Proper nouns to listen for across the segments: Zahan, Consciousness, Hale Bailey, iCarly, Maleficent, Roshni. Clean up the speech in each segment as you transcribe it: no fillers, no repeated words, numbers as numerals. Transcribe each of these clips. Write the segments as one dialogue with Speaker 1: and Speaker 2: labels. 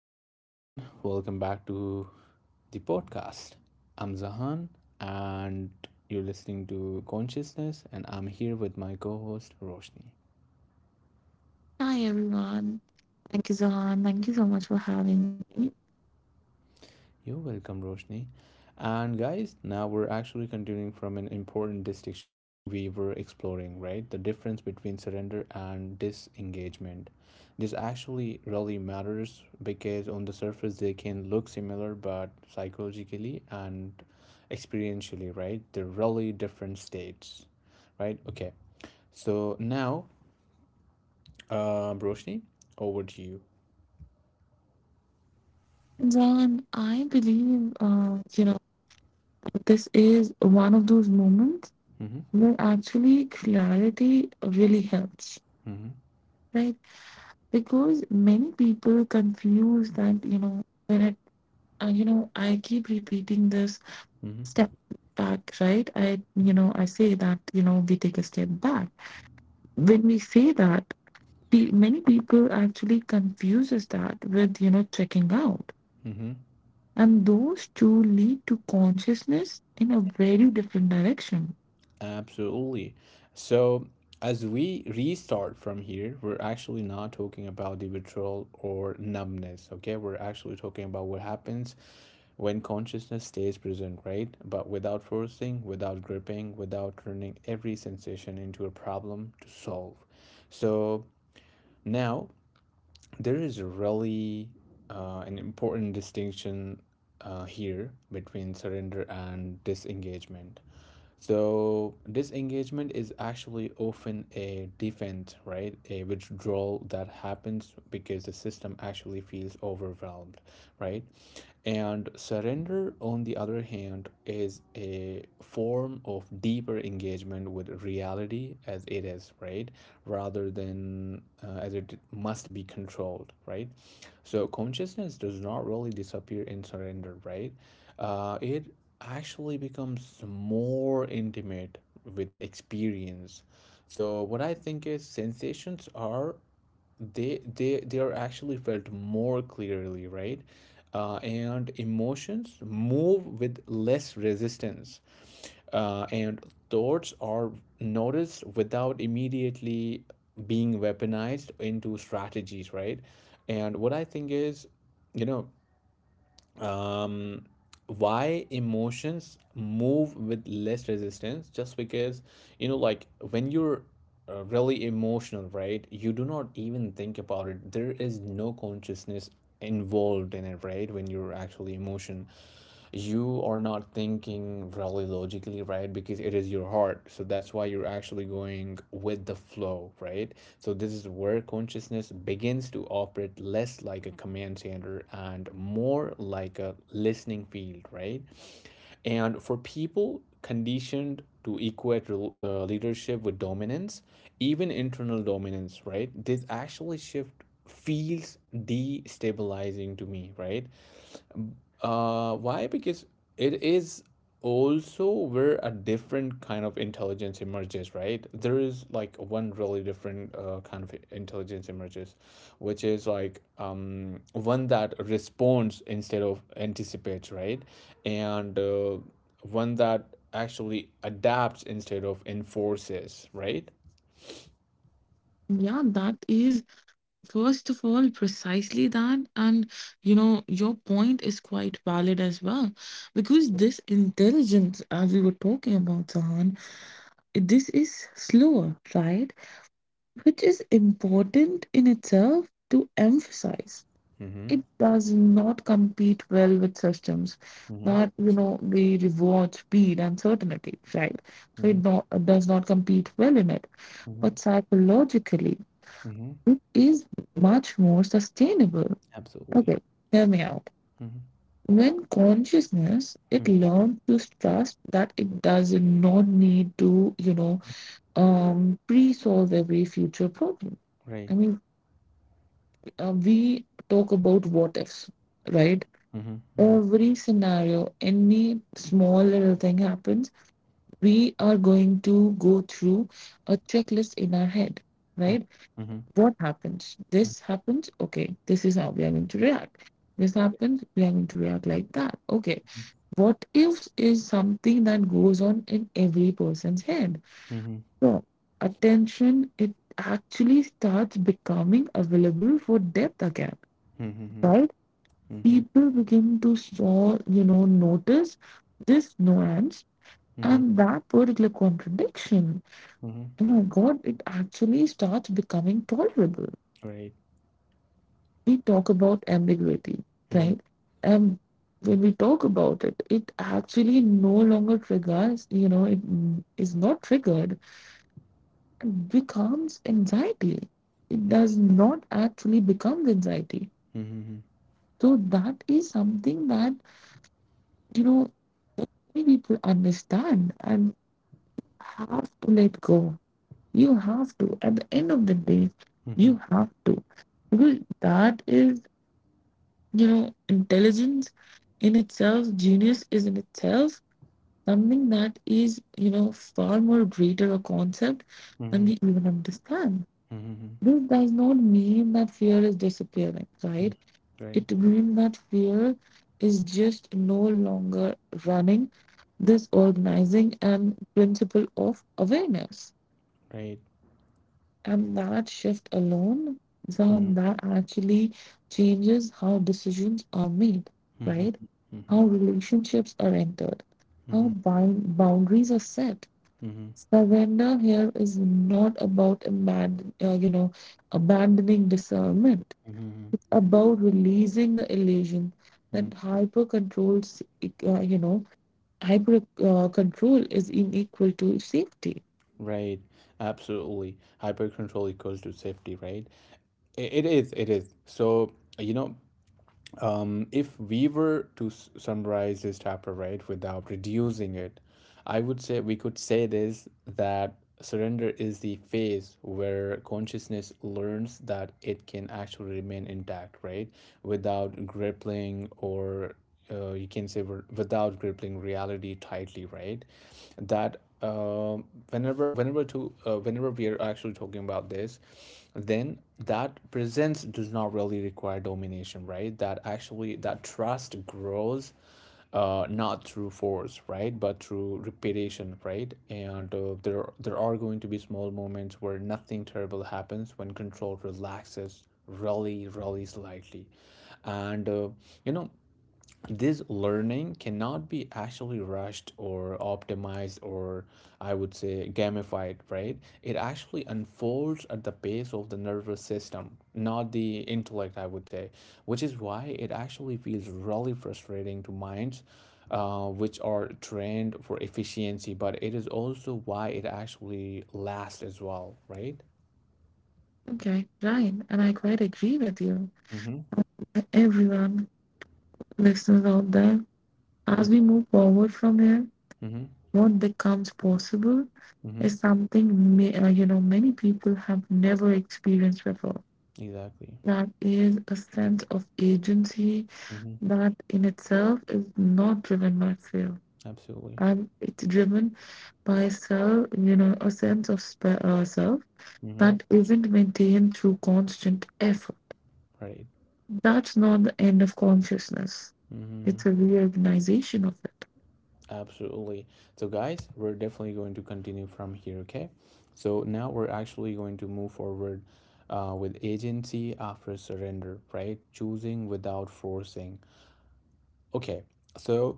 Speaker 1: Hello, everyone. Welcome back to the podcast. I'm Zahan, and you're listening to Consciousness, and I'm here with my co host, Roshni.
Speaker 2: Hi everyone. Thank you, Zahan. Thank you so much for having me.
Speaker 1: You're welcome, Roshni. And guys, now we're actually continuing from an important distinction we were exploring, right? The difference between surrender and disengagement. This actually really matters because on the surface they can look similar, but psychologically and experientially, right? They're really different states, right? Okay. So now, Roshni, over to you.
Speaker 2: Zahan, I believe this is one of those moments
Speaker 1: Mm-hmm.
Speaker 2: where actually clarity really helps,
Speaker 1: Mm-hmm.
Speaker 2: right? Because many people confuse that when it I keep repeating this step
Speaker 1: Mm-hmm.
Speaker 2: back, right? I I say that we take a step back. When we say that, many people actually confuses that with checking out.
Speaker 1: Mm-hmm.
Speaker 2: And those two lead to consciousness in a very different direction.
Speaker 1: Absolutely. So, as we restart from here, we're actually not talking about the withdrawal or numbness, okay? We're actually talking about what happens when consciousness stays present, right? But without forcing, without gripping, without turning every sensation into a problem to solve. So, now there is really an important distinction here between surrender and disengagement. So disengagement is actually often a defense, right? A withdrawal that happens because the system actually feels overwhelmed, right? And surrender, on the other hand, is a form of deeper engagement with reality as it is, right? Rather than as it must be controlled, right? So consciousness does not really disappear in surrender, right? It actually becomes more intimate with experience. So what I think is sensations are they are actually felt more clearly, right? And emotions move with less resistance, and thoughts are noticed without immediately being weaponized into strategies, right? And what I think is, you know, um, why emotions move with less resistance, just because you know, like when you're really emotional, right? You do not even think about it. There is no consciousness involved in it, right? When you're actually emotion, you are not thinking really logically, right? Because it is your heart. So that's why you're actually going with the flow, right? So this is where consciousness begins to operate less like a command center and more like a listening field, right? And for people conditioned to equate leadership with dominance, even internal dominance, right? This actually shift feels destabilizing to me, right? Why? Because it is also where a different kind of intelligence emerges, right? There is like one really different kind of intelligence emerges, which is like um, one that responds instead of anticipates, right? And one that actually adapts instead of enforces, right?
Speaker 2: Yeah, that is, first of all, precisely that. And, you know, your point is quite valid as well. Because this intelligence, as we were talking about, Zahan, this is slower, right? Which is important in itself to emphasize.
Speaker 1: Mm-hmm.
Speaker 2: It does not compete well with systems
Speaker 1: Mm-hmm.
Speaker 2: that they reward speed and certainty, right? so it
Speaker 1: Mm-hmm.
Speaker 2: not, uh, does not compete well in it,
Speaker 1: Mm-hmm.
Speaker 2: but psychologically
Speaker 1: Mm-hmm.
Speaker 2: it is much more sustainable.
Speaker 1: Absolutely.
Speaker 2: Okay, hear me out.
Speaker 1: Mm-hmm.
Speaker 2: When consciousness it
Speaker 1: Mm-hmm.
Speaker 2: learns to trust that it does not need to pre-solve every future problem.
Speaker 1: Right.
Speaker 2: I mean, we talk about what ifs, right?
Speaker 1: Mm-hmm. Mm-hmm.
Speaker 2: Every scenario, any small little thing happens, we are going to go through a checklist in our head, right?
Speaker 1: Mm-hmm.
Speaker 2: What happens? This happens. Okay, this is how we are going to react. This happens, we are going to react like that. Okay, what ifs is something that goes on in every person's head.
Speaker 1: Mhm.
Speaker 2: So, attention, it actually starts becoming available for depth again,
Speaker 1: Mhm,
Speaker 2: right?
Speaker 1: mhm,
Speaker 2: People begin to saw notice this nuance
Speaker 1: mhm, mhm,
Speaker 2: and that particular contradiction.
Speaker 1: mhm.
Speaker 2: Oh my god, it actually starts becoming tolerable.
Speaker 1: Right.
Speaker 2: We talk about ambiguity,
Speaker 1: Mhm,
Speaker 2: right? And when we talk about it, it actually no longer triggers, is not triggered. It becomes anxiety. It
Speaker 1: mhm,
Speaker 2: does not actually become anxiety.
Speaker 1: mhm,
Speaker 2: So that is something that, you know, many people understand and have to let go. You have to. At the end of the day, you
Speaker 1: mhm,
Speaker 2: have to. Because that is, you know, intelligence in itself, genius is in itself something that is, you know, far more greater a concept
Speaker 1: mhm,
Speaker 2: than
Speaker 1: mhm,
Speaker 2: we even understand.
Speaker 1: mhm,
Speaker 2: This does not mean that fear is disappearing,
Speaker 1: mhm.
Speaker 2: right?
Speaker 1: Right,
Speaker 2: It means that fear is just no longer running this organizing and principle of awareness.
Speaker 1: right.
Speaker 2: And that shift alone,
Speaker 1: Mhm,
Speaker 2: Zahan, that actually changes how decisions are made,
Speaker 1: mhm,
Speaker 2: right?
Speaker 1: mhm,
Speaker 2: How relationships are entered, how
Speaker 1: mhm,
Speaker 2: boundaries are set.
Speaker 1: mhm,
Speaker 2: Surrender here is not about abandoning discernment.
Speaker 1: mhm, mhm,
Speaker 2: It's about releasing the illusion
Speaker 1: mhm.
Speaker 2: that hyper control, you know, hyper control is unequal to safety.
Speaker 1: Right. Absolutely. Hyper control equals to safety, right? It is, it is. So, you know, if we were to summarize this chapter right without reducing it, I would say we could say this that surrender is the phase where consciousness learns that it can actually remain intact, right? Without grappling or you can say without gripping reality tightly, right? That whenever we are actually talking about this, then that presence does not really require domination, right? That actually that trust grows, not through force, right, but through repetition, right? And there are going to be small moments where nothing terrible happens when control relaxes really, really slightly, and you know, this learning cannot be actually rushed or optimized or, I would say, gamified, right? It actually unfolds at the pace of the nervous system, not the intellect, I would say, which is why it actually feels really frustrating to minds which are trained for efficiency, but it is also why it actually lasts as well, right?
Speaker 2: Okay, Ryan, and I quite agree with you.
Speaker 1: Mm-hmm.
Speaker 2: Everyone, listeners out there, as we move forward from here,
Speaker 1: Mm-hmm.
Speaker 2: what becomes possible
Speaker 1: Mm-hmm.
Speaker 2: is something many people have never experienced before.
Speaker 1: Exactly.
Speaker 2: That is a sense of agency
Speaker 1: Mm-hmm.
Speaker 2: that in itself is not driven by fear.
Speaker 1: Absolutely.
Speaker 2: And it's driven by a sense of self
Speaker 1: Mm-hmm.
Speaker 2: that isn't maintained through constant effort.
Speaker 1: Right.
Speaker 2: That's not the end of consciousness.
Speaker 1: Mm-hmm.
Speaker 2: It's a reorganization of it.
Speaker 1: Absolutely. So, guys, we're definitely going to continue from here, okay? So, now we're actually going to move forward with agency after surrender, right? Choosing without forcing. Okay, so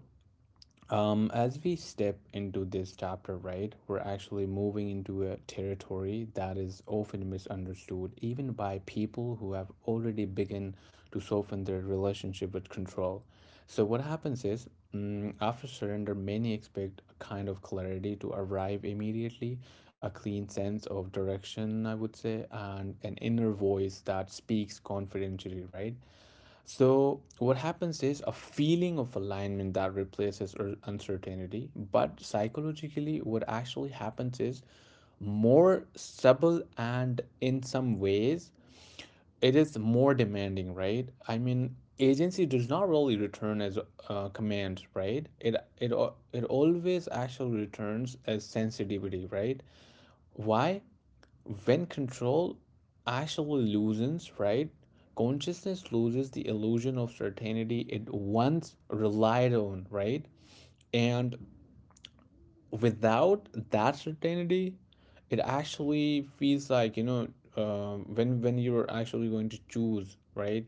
Speaker 1: as we step into this chapter, right, we're actually moving into a territory that is often misunderstood, even by people who have already begun to soften their relationship with control. So, what happens is, mm, after surrender, many expect a kind of clarity to arrive immediately, a clean sense of direction, I would say, and an inner voice that speaks confidentially, right? So, what happens is a feeling of alignment that replaces uncertainty. But psychologically, what actually happens is more stable and, in some ways, it is more demanding, right? I mean, agency does not really return as a command, right? It always actually returns as sensitivity, right? Why? When control actually loosens, right? Consciousness loses the illusion of certainty it once relied on, right? And without that certainty, it actually feels like, you know, when you're actually going to choose, right?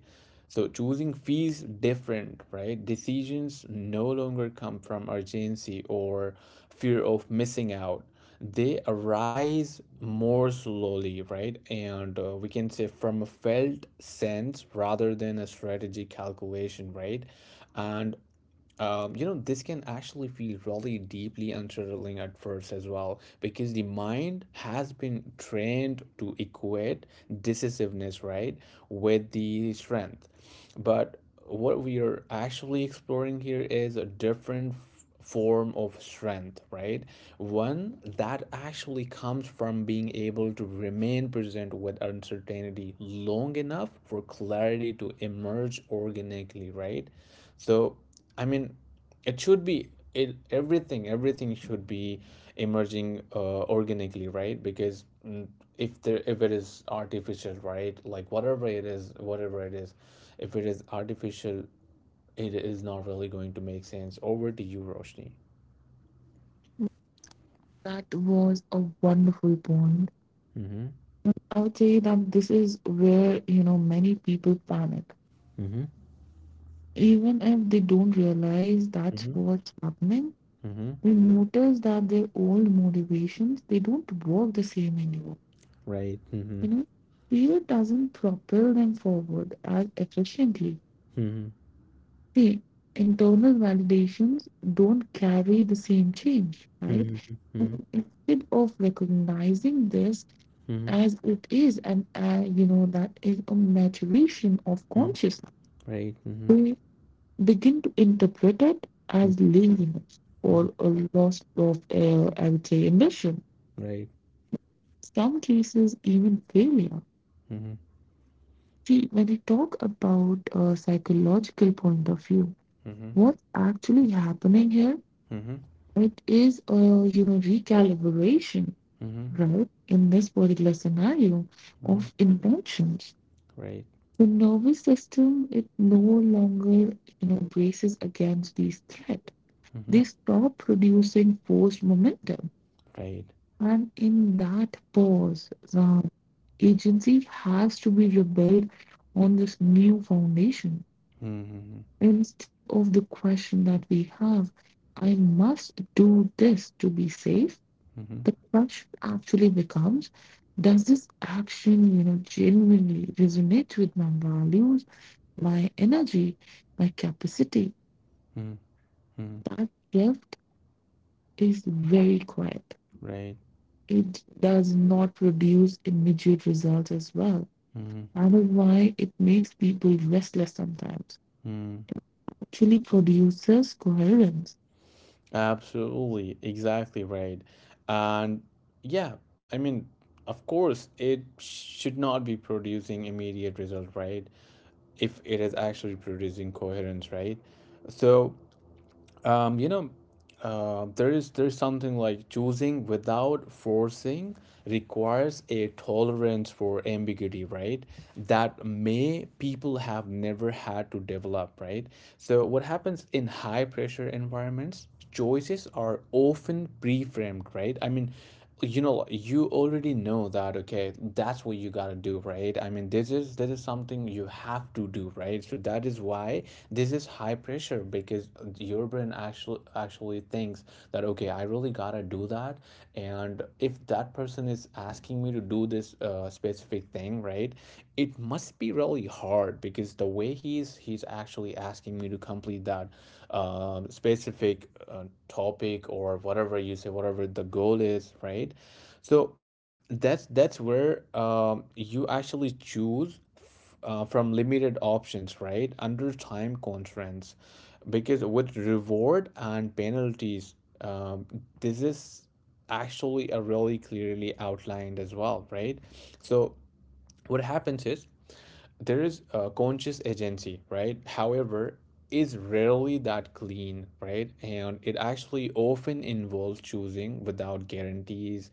Speaker 1: So choosing feels different, right? Decisions no longer come from urgency or fear of missing out. They arise more slowly, right? And we can say from a felt sense rather than a strategy calculation, right? And you know, this can actually feel really deeply unsettling at first as well, because the mind has been trained to equate decisiveness, right, with the strength. But what we are actually exploring here is a different form of strength, right? One that actually comes from being able to remain present with uncertainty long enough for clarity to emerge organically, right? So, I mean, it should be it everything everything should be emerging organically, right? Because mm, if it is artificial, right? Like whatever it is, if it is artificial, it is not really going to make sense. Over to you, Roshni.
Speaker 2: That was a wonderful point.
Speaker 1: Mm-hmm.
Speaker 2: I would say that this is where, you know, many people panic.
Speaker 1: Mm-hmm.
Speaker 2: Even if they don't realize that's
Speaker 1: Mm-hmm.
Speaker 2: what's happening,
Speaker 1: Mm-hmm.
Speaker 2: they notice that their old motivations, they don't work the same anymore.
Speaker 1: Right. Mm-hmm.
Speaker 2: You know, fear doesn't propel them forward as efficiently.
Speaker 1: Mm-hmm.
Speaker 2: See, internal validations don't carry the same change, right?
Speaker 1: Mm-hmm.
Speaker 2: And instead of recognizing this
Speaker 1: Mm-hmm.
Speaker 2: as it is, and you know, that is a maturation of
Speaker 1: Mm-hmm.
Speaker 2: consciousness,
Speaker 1: Right. Mm-hmm.
Speaker 2: we begin to interpret it as laziness
Speaker 1: Mm-hmm.
Speaker 2: or a loss of, I would say, ambition.
Speaker 1: Right.
Speaker 2: Some cases, even failure.
Speaker 1: Mm-hmm.
Speaker 2: See, when we talk about a psychological point of view,
Speaker 1: Mm-hmm.
Speaker 2: what's actually happening here,
Speaker 1: Mm-hmm.
Speaker 2: it is a, you know, recalibration,
Speaker 1: Mm-hmm.
Speaker 2: right? In this particular scenario
Speaker 1: Mm-hmm.
Speaker 2: of intentions,
Speaker 1: Right.
Speaker 2: the nervous system, it no longer, you know, braces against these threat.
Speaker 1: Mm-hmm.
Speaker 2: They stop producing forced momentum,
Speaker 1: Right.
Speaker 2: and in that pause the agency has to be rebuilt on this new foundation.
Speaker 1: Mm-hmm.
Speaker 2: Instead of the question that we have, I must do this to be safe,
Speaker 1: Mm-hmm.
Speaker 2: the crush actually becomes, does this action, you know, genuinely resonate with my values, my energy, my capacity?
Speaker 1: Mm-hmm. Mm-hmm.
Speaker 2: That shift is very quiet.
Speaker 1: Right.
Speaker 2: It does not produce immediate results as well.
Speaker 1: Mm-hmm.
Speaker 2: That is why it makes people restless sometimes.
Speaker 1: Mm-hmm.
Speaker 2: Actually produces coherence.
Speaker 1: Absolutely, exactly right. And yeah, I mean, of course, it should not be producing immediate result, right? If it is actually producing coherence, right? So you know, there is something like choosing without forcing requires a tolerance for ambiguity, right? That may people have never had to develop, right? So what happens in high pressure environments? Choices are often pre-framed, right? I mean, you know, you already know that, okay, that's what you gotta do, right? I mean, this is something you have to do, right? So that is why this is high pressure, because your brain actually thinks that, okay, I really gotta do that, and if that person is asking me to do this specific thing, right? It must be really hard because the way he's actually asking me to complete that specific topic, or whatever you say, whatever the goal is, right? So that's where you actually choose from limited options, right, under time constraints, because with reward and penalties um, this is actually a really clearly outlined as well, right? So what happens is there is a conscious agency, right? However, is rarely that clean, right? And it actually often involves choosing without guarantees,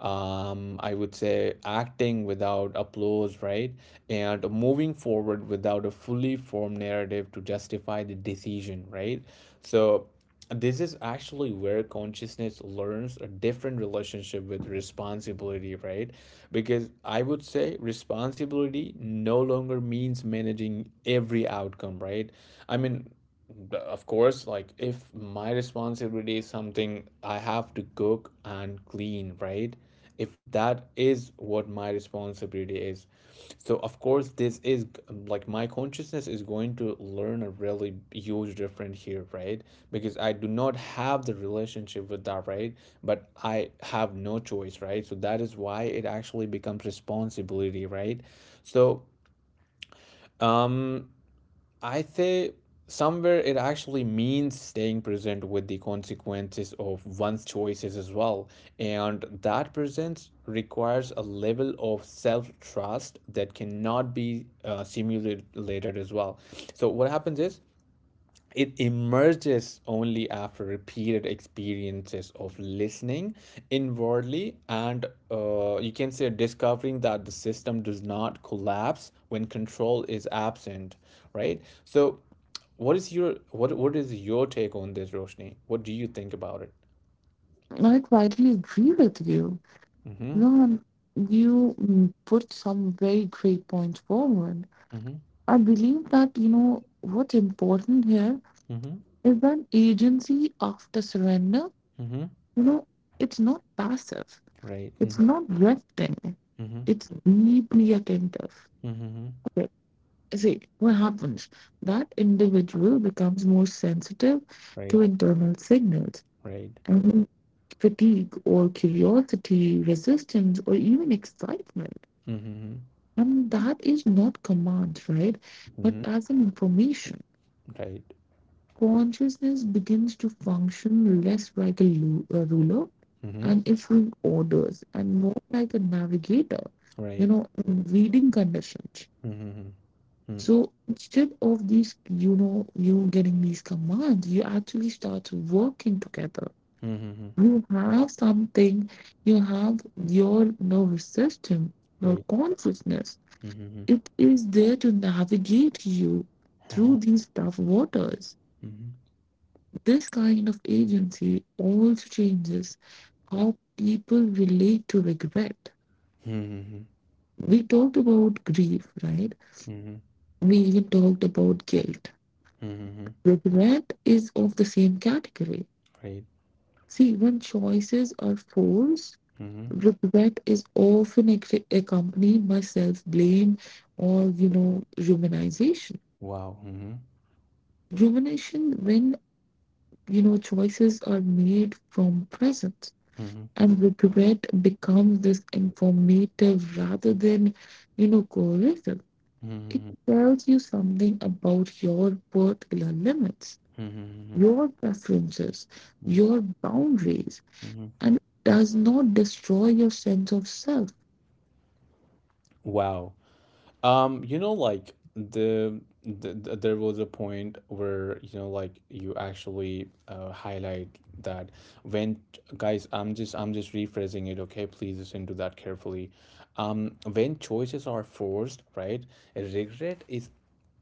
Speaker 1: um, I would say acting without applause, right? And moving forward without a fully formed narrative to justify the decision, right? So this is actually where consciousness learns a different relationship with responsibility, right? Because I would say responsibility no longer means managing every outcome, right? I mean, of course, like if my responsibility is something I have to cook and clean, right? If that is what my responsibility is, so of course, this is like my consciousness is going to learn a really huge difference here, right? Because I do not have the relationship with that, right? But I have no choice, right? So that is why it actually becomes responsibility, right? So I say somewhere it actually means staying present with the consequences of one's choices as well. And that presence requires a level of self trust that cannot be simulated later as well. So, what happens is it emerges only after repeated experiences of listening inwardly and, you can say, discovering that the system does not collapse when control is absent, right? So what is your take on this, Roshni? What do you think about it?
Speaker 2: I quietly agree with you,
Speaker 1: Mm-hmm.
Speaker 2: Ron. You put some very great points forward.
Speaker 1: Mm-hmm.
Speaker 2: I believe that, you know, what's important here
Speaker 1: Mm-hmm.
Speaker 2: is that agency after surrender,
Speaker 1: Mm-hmm.
Speaker 2: you know, it's not passive,
Speaker 1: Right. Mm-hmm.
Speaker 2: it's not resting,
Speaker 1: Mm-hmm.
Speaker 2: it's deeply attentive.
Speaker 1: Mm-hmm.
Speaker 2: Okay. See, what happens? That individual becomes more sensitive to
Speaker 1: Right,
Speaker 2: internal signals.
Speaker 1: right.
Speaker 2: I mean, fatigue or curiosity, resistance, or even excitement.
Speaker 1: Mm-hmm.
Speaker 2: And that is not commands, right? But
Speaker 1: Mm-hmm.
Speaker 2: as an information.
Speaker 1: Right.
Speaker 2: Consciousness begins to function less like a a ruler
Speaker 1: Mm-hmm.
Speaker 2: and issuing orders and more like a navigator, you
Speaker 1: Right.
Speaker 2: know, in reading conditions.
Speaker 1: Mm-hmm. Mm-hmm.
Speaker 2: So instead of these, you know, you getting these commands, you actually start working together.
Speaker 1: Mm-hmm.
Speaker 2: You have something, you have your nervous system, your
Speaker 1: Great.
Speaker 2: consciousness.
Speaker 1: Mhm,
Speaker 2: It is there to navigate you through
Speaker 1: mhm.
Speaker 2: these tough waters.
Speaker 1: Mhm,
Speaker 2: This kind of agency also changes how people relate to regret.
Speaker 1: mhm.
Speaker 2: We talked about grief, right?
Speaker 1: Mhm, mhm.
Speaker 2: We even talked about guilt.
Speaker 1: Mhm, mhm.
Speaker 2: Regret is of the same category.
Speaker 1: Great.
Speaker 2: See, when choices are forced,
Speaker 1: Mhm.
Speaker 2: regret is often accompanied by self blame or, you know, rumination.
Speaker 1: Wow. Mhm,
Speaker 2: Rumination when, you know, choices are made from presence.
Speaker 1: mhm.
Speaker 2: And regret becomes this informative rather than, you know, coercive.
Speaker 1: Mhm,
Speaker 2: It
Speaker 1: mhm.
Speaker 2: tells you something about your particular limits,
Speaker 1: Mhm,
Speaker 2: your preferences,
Speaker 1: mhm.
Speaker 2: your boundaries,
Speaker 1: Mhm.
Speaker 2: and does not destroy your sense of self.
Speaker 1: Wow. You know, like the there was a point where, you know, like you actually highlight that when, guys, I'm just rephrasing it, okay? Please listen to that carefully. When choices are forced, right? Regret is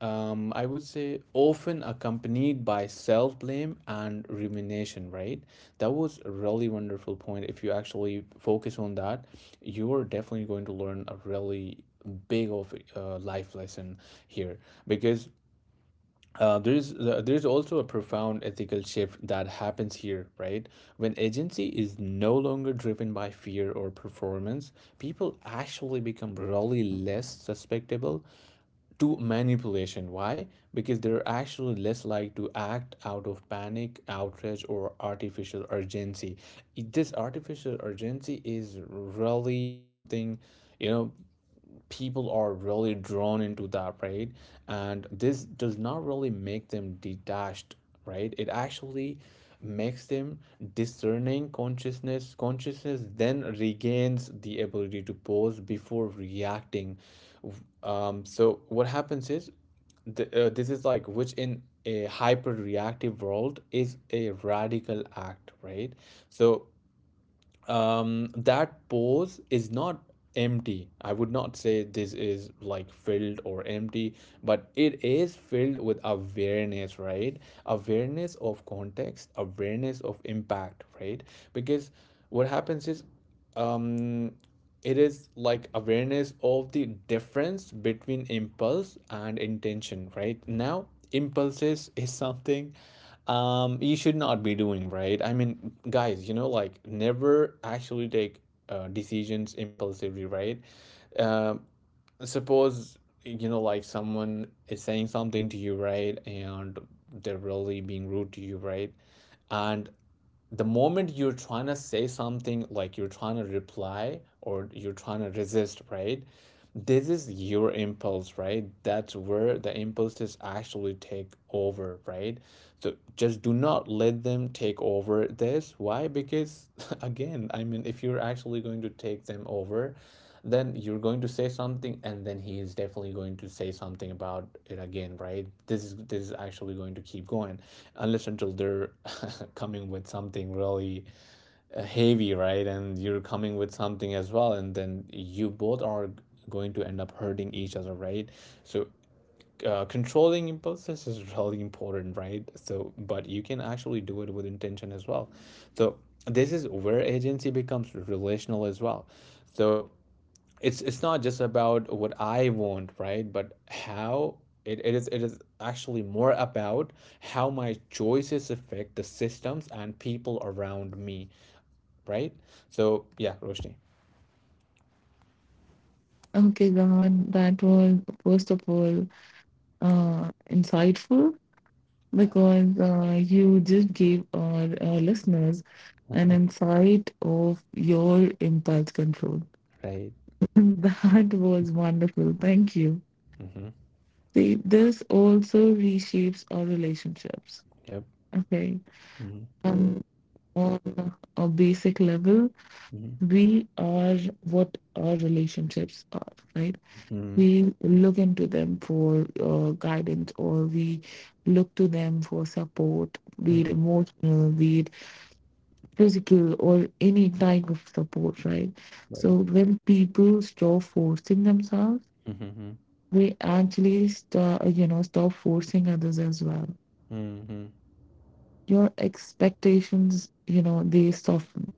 Speaker 1: I would say, often accompanied by self blame and rumination, right? That was a really wonderful point. If you actually focus on that, you're definitely going to learn a really big of life lesson here because there's also a profound ethical shift that happens here, right? When agency is no longer driven by fear or performance, people actually become really less susceptible to manipulation. Why? Because they're actually less likely to act out of panic, outrage, or artificial urgency. This artificial urgency is really something, you know, people are really drawn into that, right? And this does not really make them detached, right, it actually makes them discerning. Consciousness then regains the ability to pause before reacting. So what happens is this is like, which in a hyper reactive world is a radical act, right? So that pose is not empty. I would not say this is like filled or empty, but it is filled with awareness, right? Awareness of context, awareness of impact, right? Because what happens is, um, it is like awareness of the difference between impulse and intention, right? Now, impulses is something you should not be doing, right? I mean, guys, you know, like never actually take decisions impulsively, right? Um, suppose, you know, like someone is saying something to you, right, and they're really being rude to you, right, and the moment you're trying to say something, like you're trying to reply or you're trying to resist, right, this is your impulse, right? That's where the impulses actually take over, right? So just do not let them take over. This why? Because again, I mean, if you're actually going to take them over, then you're going to say something and then he is definitely going to say something about it again, right? This is actually going to keep going unless until they're coming with something really heavy, right, and you're coming with something as well, and then you both are going to end up hurting each other, right? So controlling impulses is really important, right? So but you can actually do it with intention as well. So this is where agency becomes relational as well. So it's not just about what I want, right? But how it is actually more about how my choices affect the systems and people around me, right? So yeah, Roshni.
Speaker 2: Okay, Gahan, that was, first of all, insightful, because you just gave our listeners an insight of your impulse control.
Speaker 1: Right.
Speaker 2: That was wonderful. Thank you.
Speaker 1: Mm-hmm.
Speaker 2: See, this also reshapes our relationships.
Speaker 1: Yep.
Speaker 2: Okay.
Speaker 1: Mm-hmm.
Speaker 2: Um, on a basic level,
Speaker 1: Mm-hmm.
Speaker 2: we are what our relationships are, right?
Speaker 1: Mm-hmm.
Speaker 2: We look into them for guidance, or we look to them for support, be it
Speaker 1: Mm-hmm.
Speaker 2: emotional, be it physical, or any type of support, right? So
Speaker 1: Right.
Speaker 2: when people stop forcing themselves,
Speaker 1: Mm-hmm.
Speaker 2: we actually start, you know, stop forcing others as well.
Speaker 1: Mm-hmm.
Speaker 2: Your expectations, you know, they soften.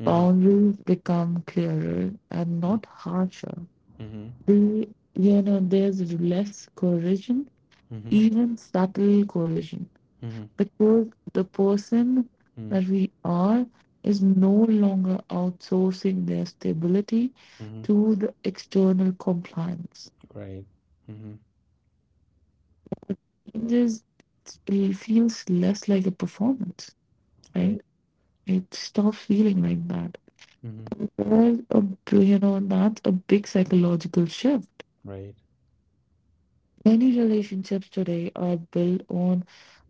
Speaker 1: Mm-hmm.
Speaker 2: Boundaries become clearer and not harsher.
Speaker 1: Mm-hmm.
Speaker 2: The, you know, there's less coercion,
Speaker 1: Mm-hmm.
Speaker 2: even subtle coercion,
Speaker 1: Mm-hmm.
Speaker 2: because the person
Speaker 1: Mm-hmm.
Speaker 2: that we are is no longer outsourcing their stability to the external compliance.
Speaker 1: Right. Mm-hmm.
Speaker 2: It just feels less like a performance.
Speaker 1: Right.
Speaker 2: Right? It stop feeling like that.
Speaker 1: Mm-hmm.
Speaker 2: There's a, you know, that's a big psychological shift.
Speaker 1: Right.
Speaker 2: Many relationships today are built on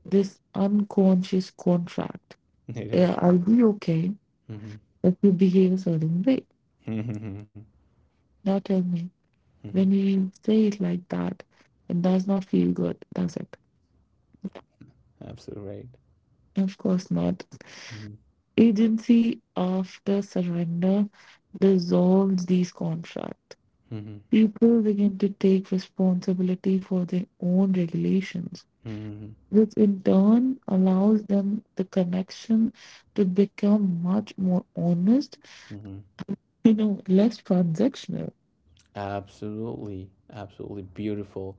Speaker 2: this unconscious contract.
Speaker 1: It is.
Speaker 2: I'll be okay
Speaker 1: Mm-hmm.
Speaker 2: if you behave a certain way.
Speaker 1: Mm-hmm.
Speaker 2: Now tell me, when you say it like that, it does not feel good, does it?
Speaker 1: Absolutely right.
Speaker 2: Of course not.
Speaker 1: Mhm,
Speaker 2: Agency after surrender dissolves these contracts.
Speaker 1: mhm,
Speaker 2: People begin to take responsibility for their own regulations,
Speaker 1: mhm,
Speaker 2: which in turn allows them the connection to become much more honest,
Speaker 1: mhm.
Speaker 2: you know, less transactional.
Speaker 1: Absolutely, absolutely beautiful.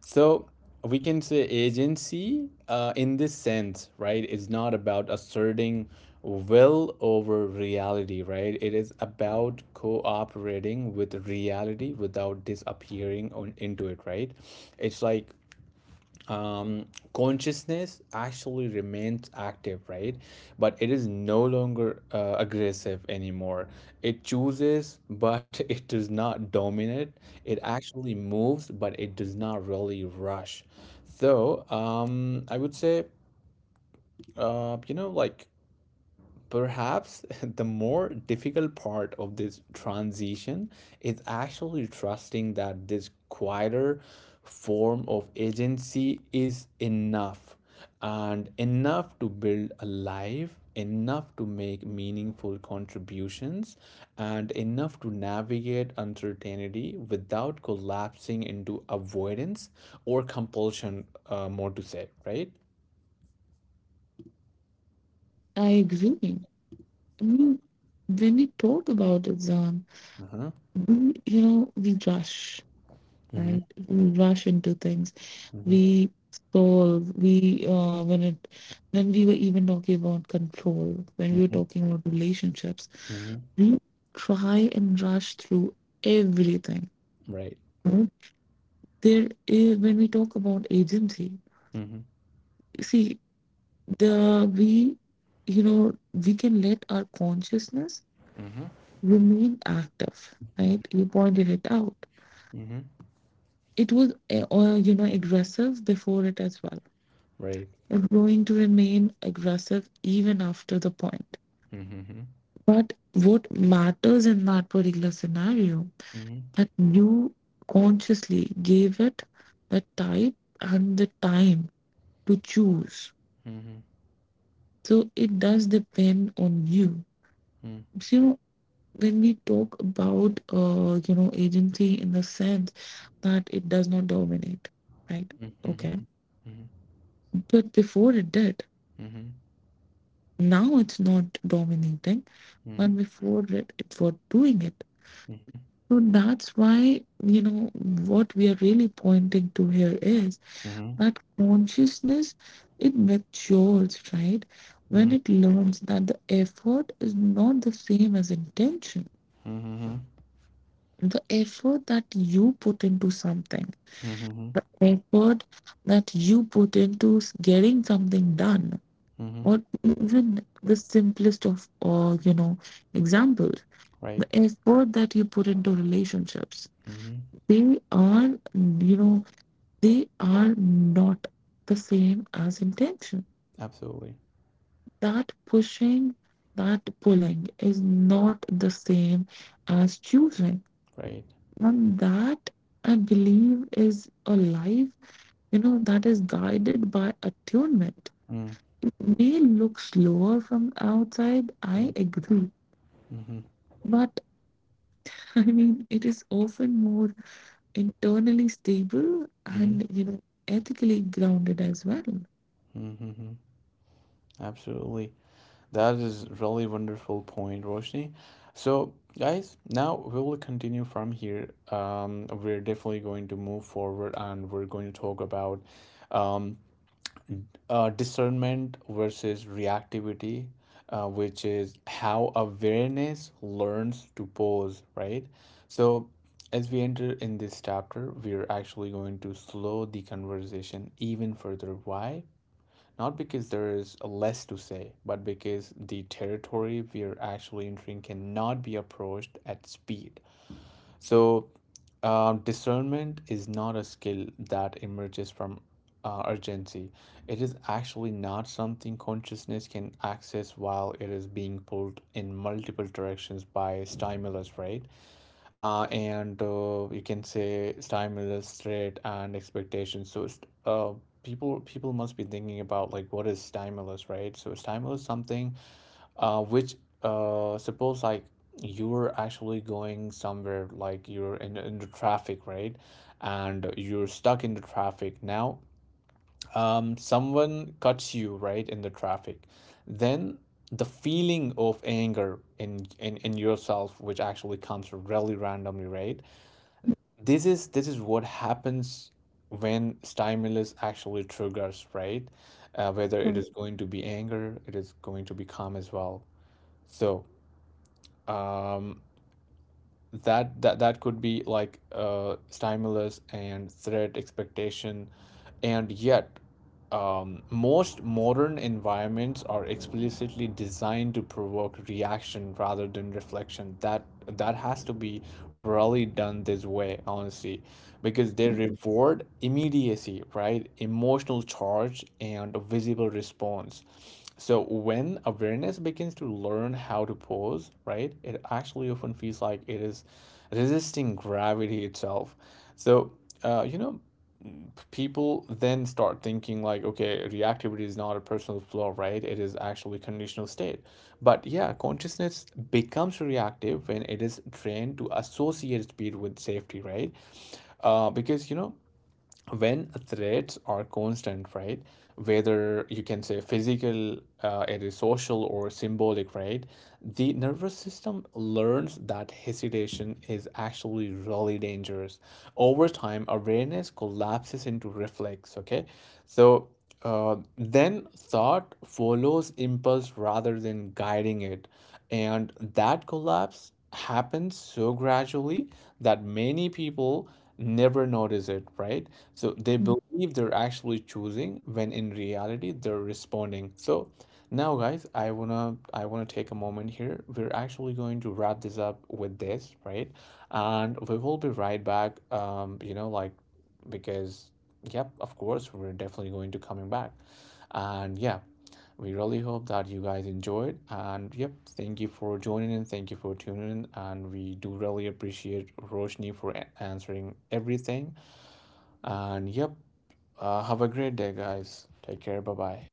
Speaker 1: So we can say agency in this sense, right, is not about asserting will over reality, right? It is about cooperating with reality without disappearing on into it, right? It's like, um, consciousness actually remains active, right? But it is no longer aggressive anymore. It chooses, but it does not dominate. It actually moves, but it does not really rush. So I would say, uh, you know, like perhaps the more difficult part of this transition is actually trusting that this quieter form of agency is enough, and enough to build a life, enough to make meaningful contributions, and enough to navigate uncertainty without collapsing into avoidance or compulsion, more to say, right?
Speaker 2: I agree. I mean, when we talk about it, Zan,
Speaker 1: Uh-huh.
Speaker 2: we, you know, we rush,
Speaker 1: Hmm.
Speaker 2: right? We rush into things.
Speaker 1: Hmm.
Speaker 2: We solve. We when it when we were even talking about control, when we were talking about relationships,
Speaker 1: Hmm.
Speaker 2: we try and rush through everything.
Speaker 1: Right.
Speaker 2: You know. There is when we talk about agency,
Speaker 1: Mhm,
Speaker 2: see the we you know we can let our consciousness
Speaker 1: mhm,
Speaker 2: remain active,
Speaker 1: mhm,
Speaker 2: right? You pointed it out.
Speaker 1: mhm.
Speaker 2: It was you know aggressive before it as well.
Speaker 1: Right.
Speaker 2: It's going to remain aggressive even after the point.
Speaker 1: Mhm, mhm,
Speaker 2: But what matters in that particular scenario,
Speaker 1: mhm,
Speaker 2: that you consciously gave it the type and the time to choose.
Speaker 1: mhm,
Speaker 2: So it does depend on you.
Speaker 1: mhm,
Speaker 2: So, you know, when we talk about, you know, agency in the sense that it does not dominate, right?
Speaker 1: mhm, mhm,
Speaker 2: Okay.
Speaker 1: mhm,
Speaker 2: But before it did,
Speaker 1: mhm, mhm,
Speaker 2: now it's not dominating,
Speaker 1: mhm,
Speaker 2: but before it, it was doing it. So that's why, you know, what we are really pointing to here is that consciousness it matures, right? When it learns that the effort is not the same as intention.
Speaker 1: mhm,
Speaker 2: The effort that you put into something,
Speaker 1: mhm, mhm,
Speaker 2: effort that you put into getting something done,
Speaker 1: mhm.
Speaker 2: or even the simplest of, you know, examples, the
Speaker 1: Right.
Speaker 2: effort that you put into relationships,
Speaker 1: Mhm.
Speaker 2: they are, you know, they are not the same as intention.
Speaker 1: Absolutely.
Speaker 2: That pushing, that pulling is not the same as choosing.
Speaker 1: Right.
Speaker 2: And that I believe is a life, you know, that is guided by attunement.
Speaker 1: Mm.
Speaker 2: It may look slower from outside, I
Speaker 1: Right.
Speaker 2: agree.
Speaker 1: Mhm,
Speaker 2: But I mean, it is often more internally stable
Speaker 1: mhm,
Speaker 2: and, you know, ethically grounded as well.
Speaker 1: mhm, mhm. Absolutely. That is really wonderful point, Roshni. So, guys, now we will continue from here. We're definitely going to move forward and we're going to talk about um, discernment versus reactivity, which is how awareness learns to pause, right? So, as we enter in this chapter, we're actually going to slow the conversation even further. Why? Not because there is less to say, but because the territory we're actually entering cannot be approached at speed. So, discernment is not a skill that emerges from urgency. It is actually not something consciousness can access while it is being pulled in multiple directions by stimulus, right? And you can say stimulus, threat, and expectations. So, it's, uh, people must be thinking about like what is stimulus, right? So, stimulus is something which suppose like you're actually going somewhere, like you're in the traffic, right? And you're stuck in the traffic. Now, someone cuts you right in the traffic, then the feeling of anger in yourself, which actually comes really randomly, right? This is what happens when stimulus actually triggers, right? Whether it is
Speaker 2: Right.
Speaker 1: going to be anger, it is going to be calm as well. So um that could be like stimulus and threat expectation, and yet, most modern environments are explicitly designed to provoke reaction rather than reflection. That that has to be rarely done this way, honestly, because they reward immediacy, right? Emotional charge and visible response. So when awareness begins to learn how to pause, right, it actually often feels like it is resisting gravity itself. So, uh, you know, people then start thinking like, okay, reactivity is not a personal flaw, right? It is actually a conditional state, but yeah, consciousness becomes reactive when it is trained to associate speed with safety, right? Because, you know, when threats are constant, right, whether you can say physical, it is social or symbolic, right, the nervous system learns that hesitation is actually really dangerous. Over time awareness collapses into reflex, okay? So then thought follows impulse rather than guiding it. And that collapse happens so gradually that many people never notice it, right? So they believe they're actually choosing when in reality they're responding. So now guys, I wanna take a moment here. We're actually going to wrap this up with this, right? And we will be right back. Because yep, of course, we're definitely going to coming back, and yeah, we really hope that you guys enjoyed, and yep, thank you for joining in, thank you for tuning in, and we do really appreciate Roshni for answering everything, and yep, have a great day, guys, take care, bye bye.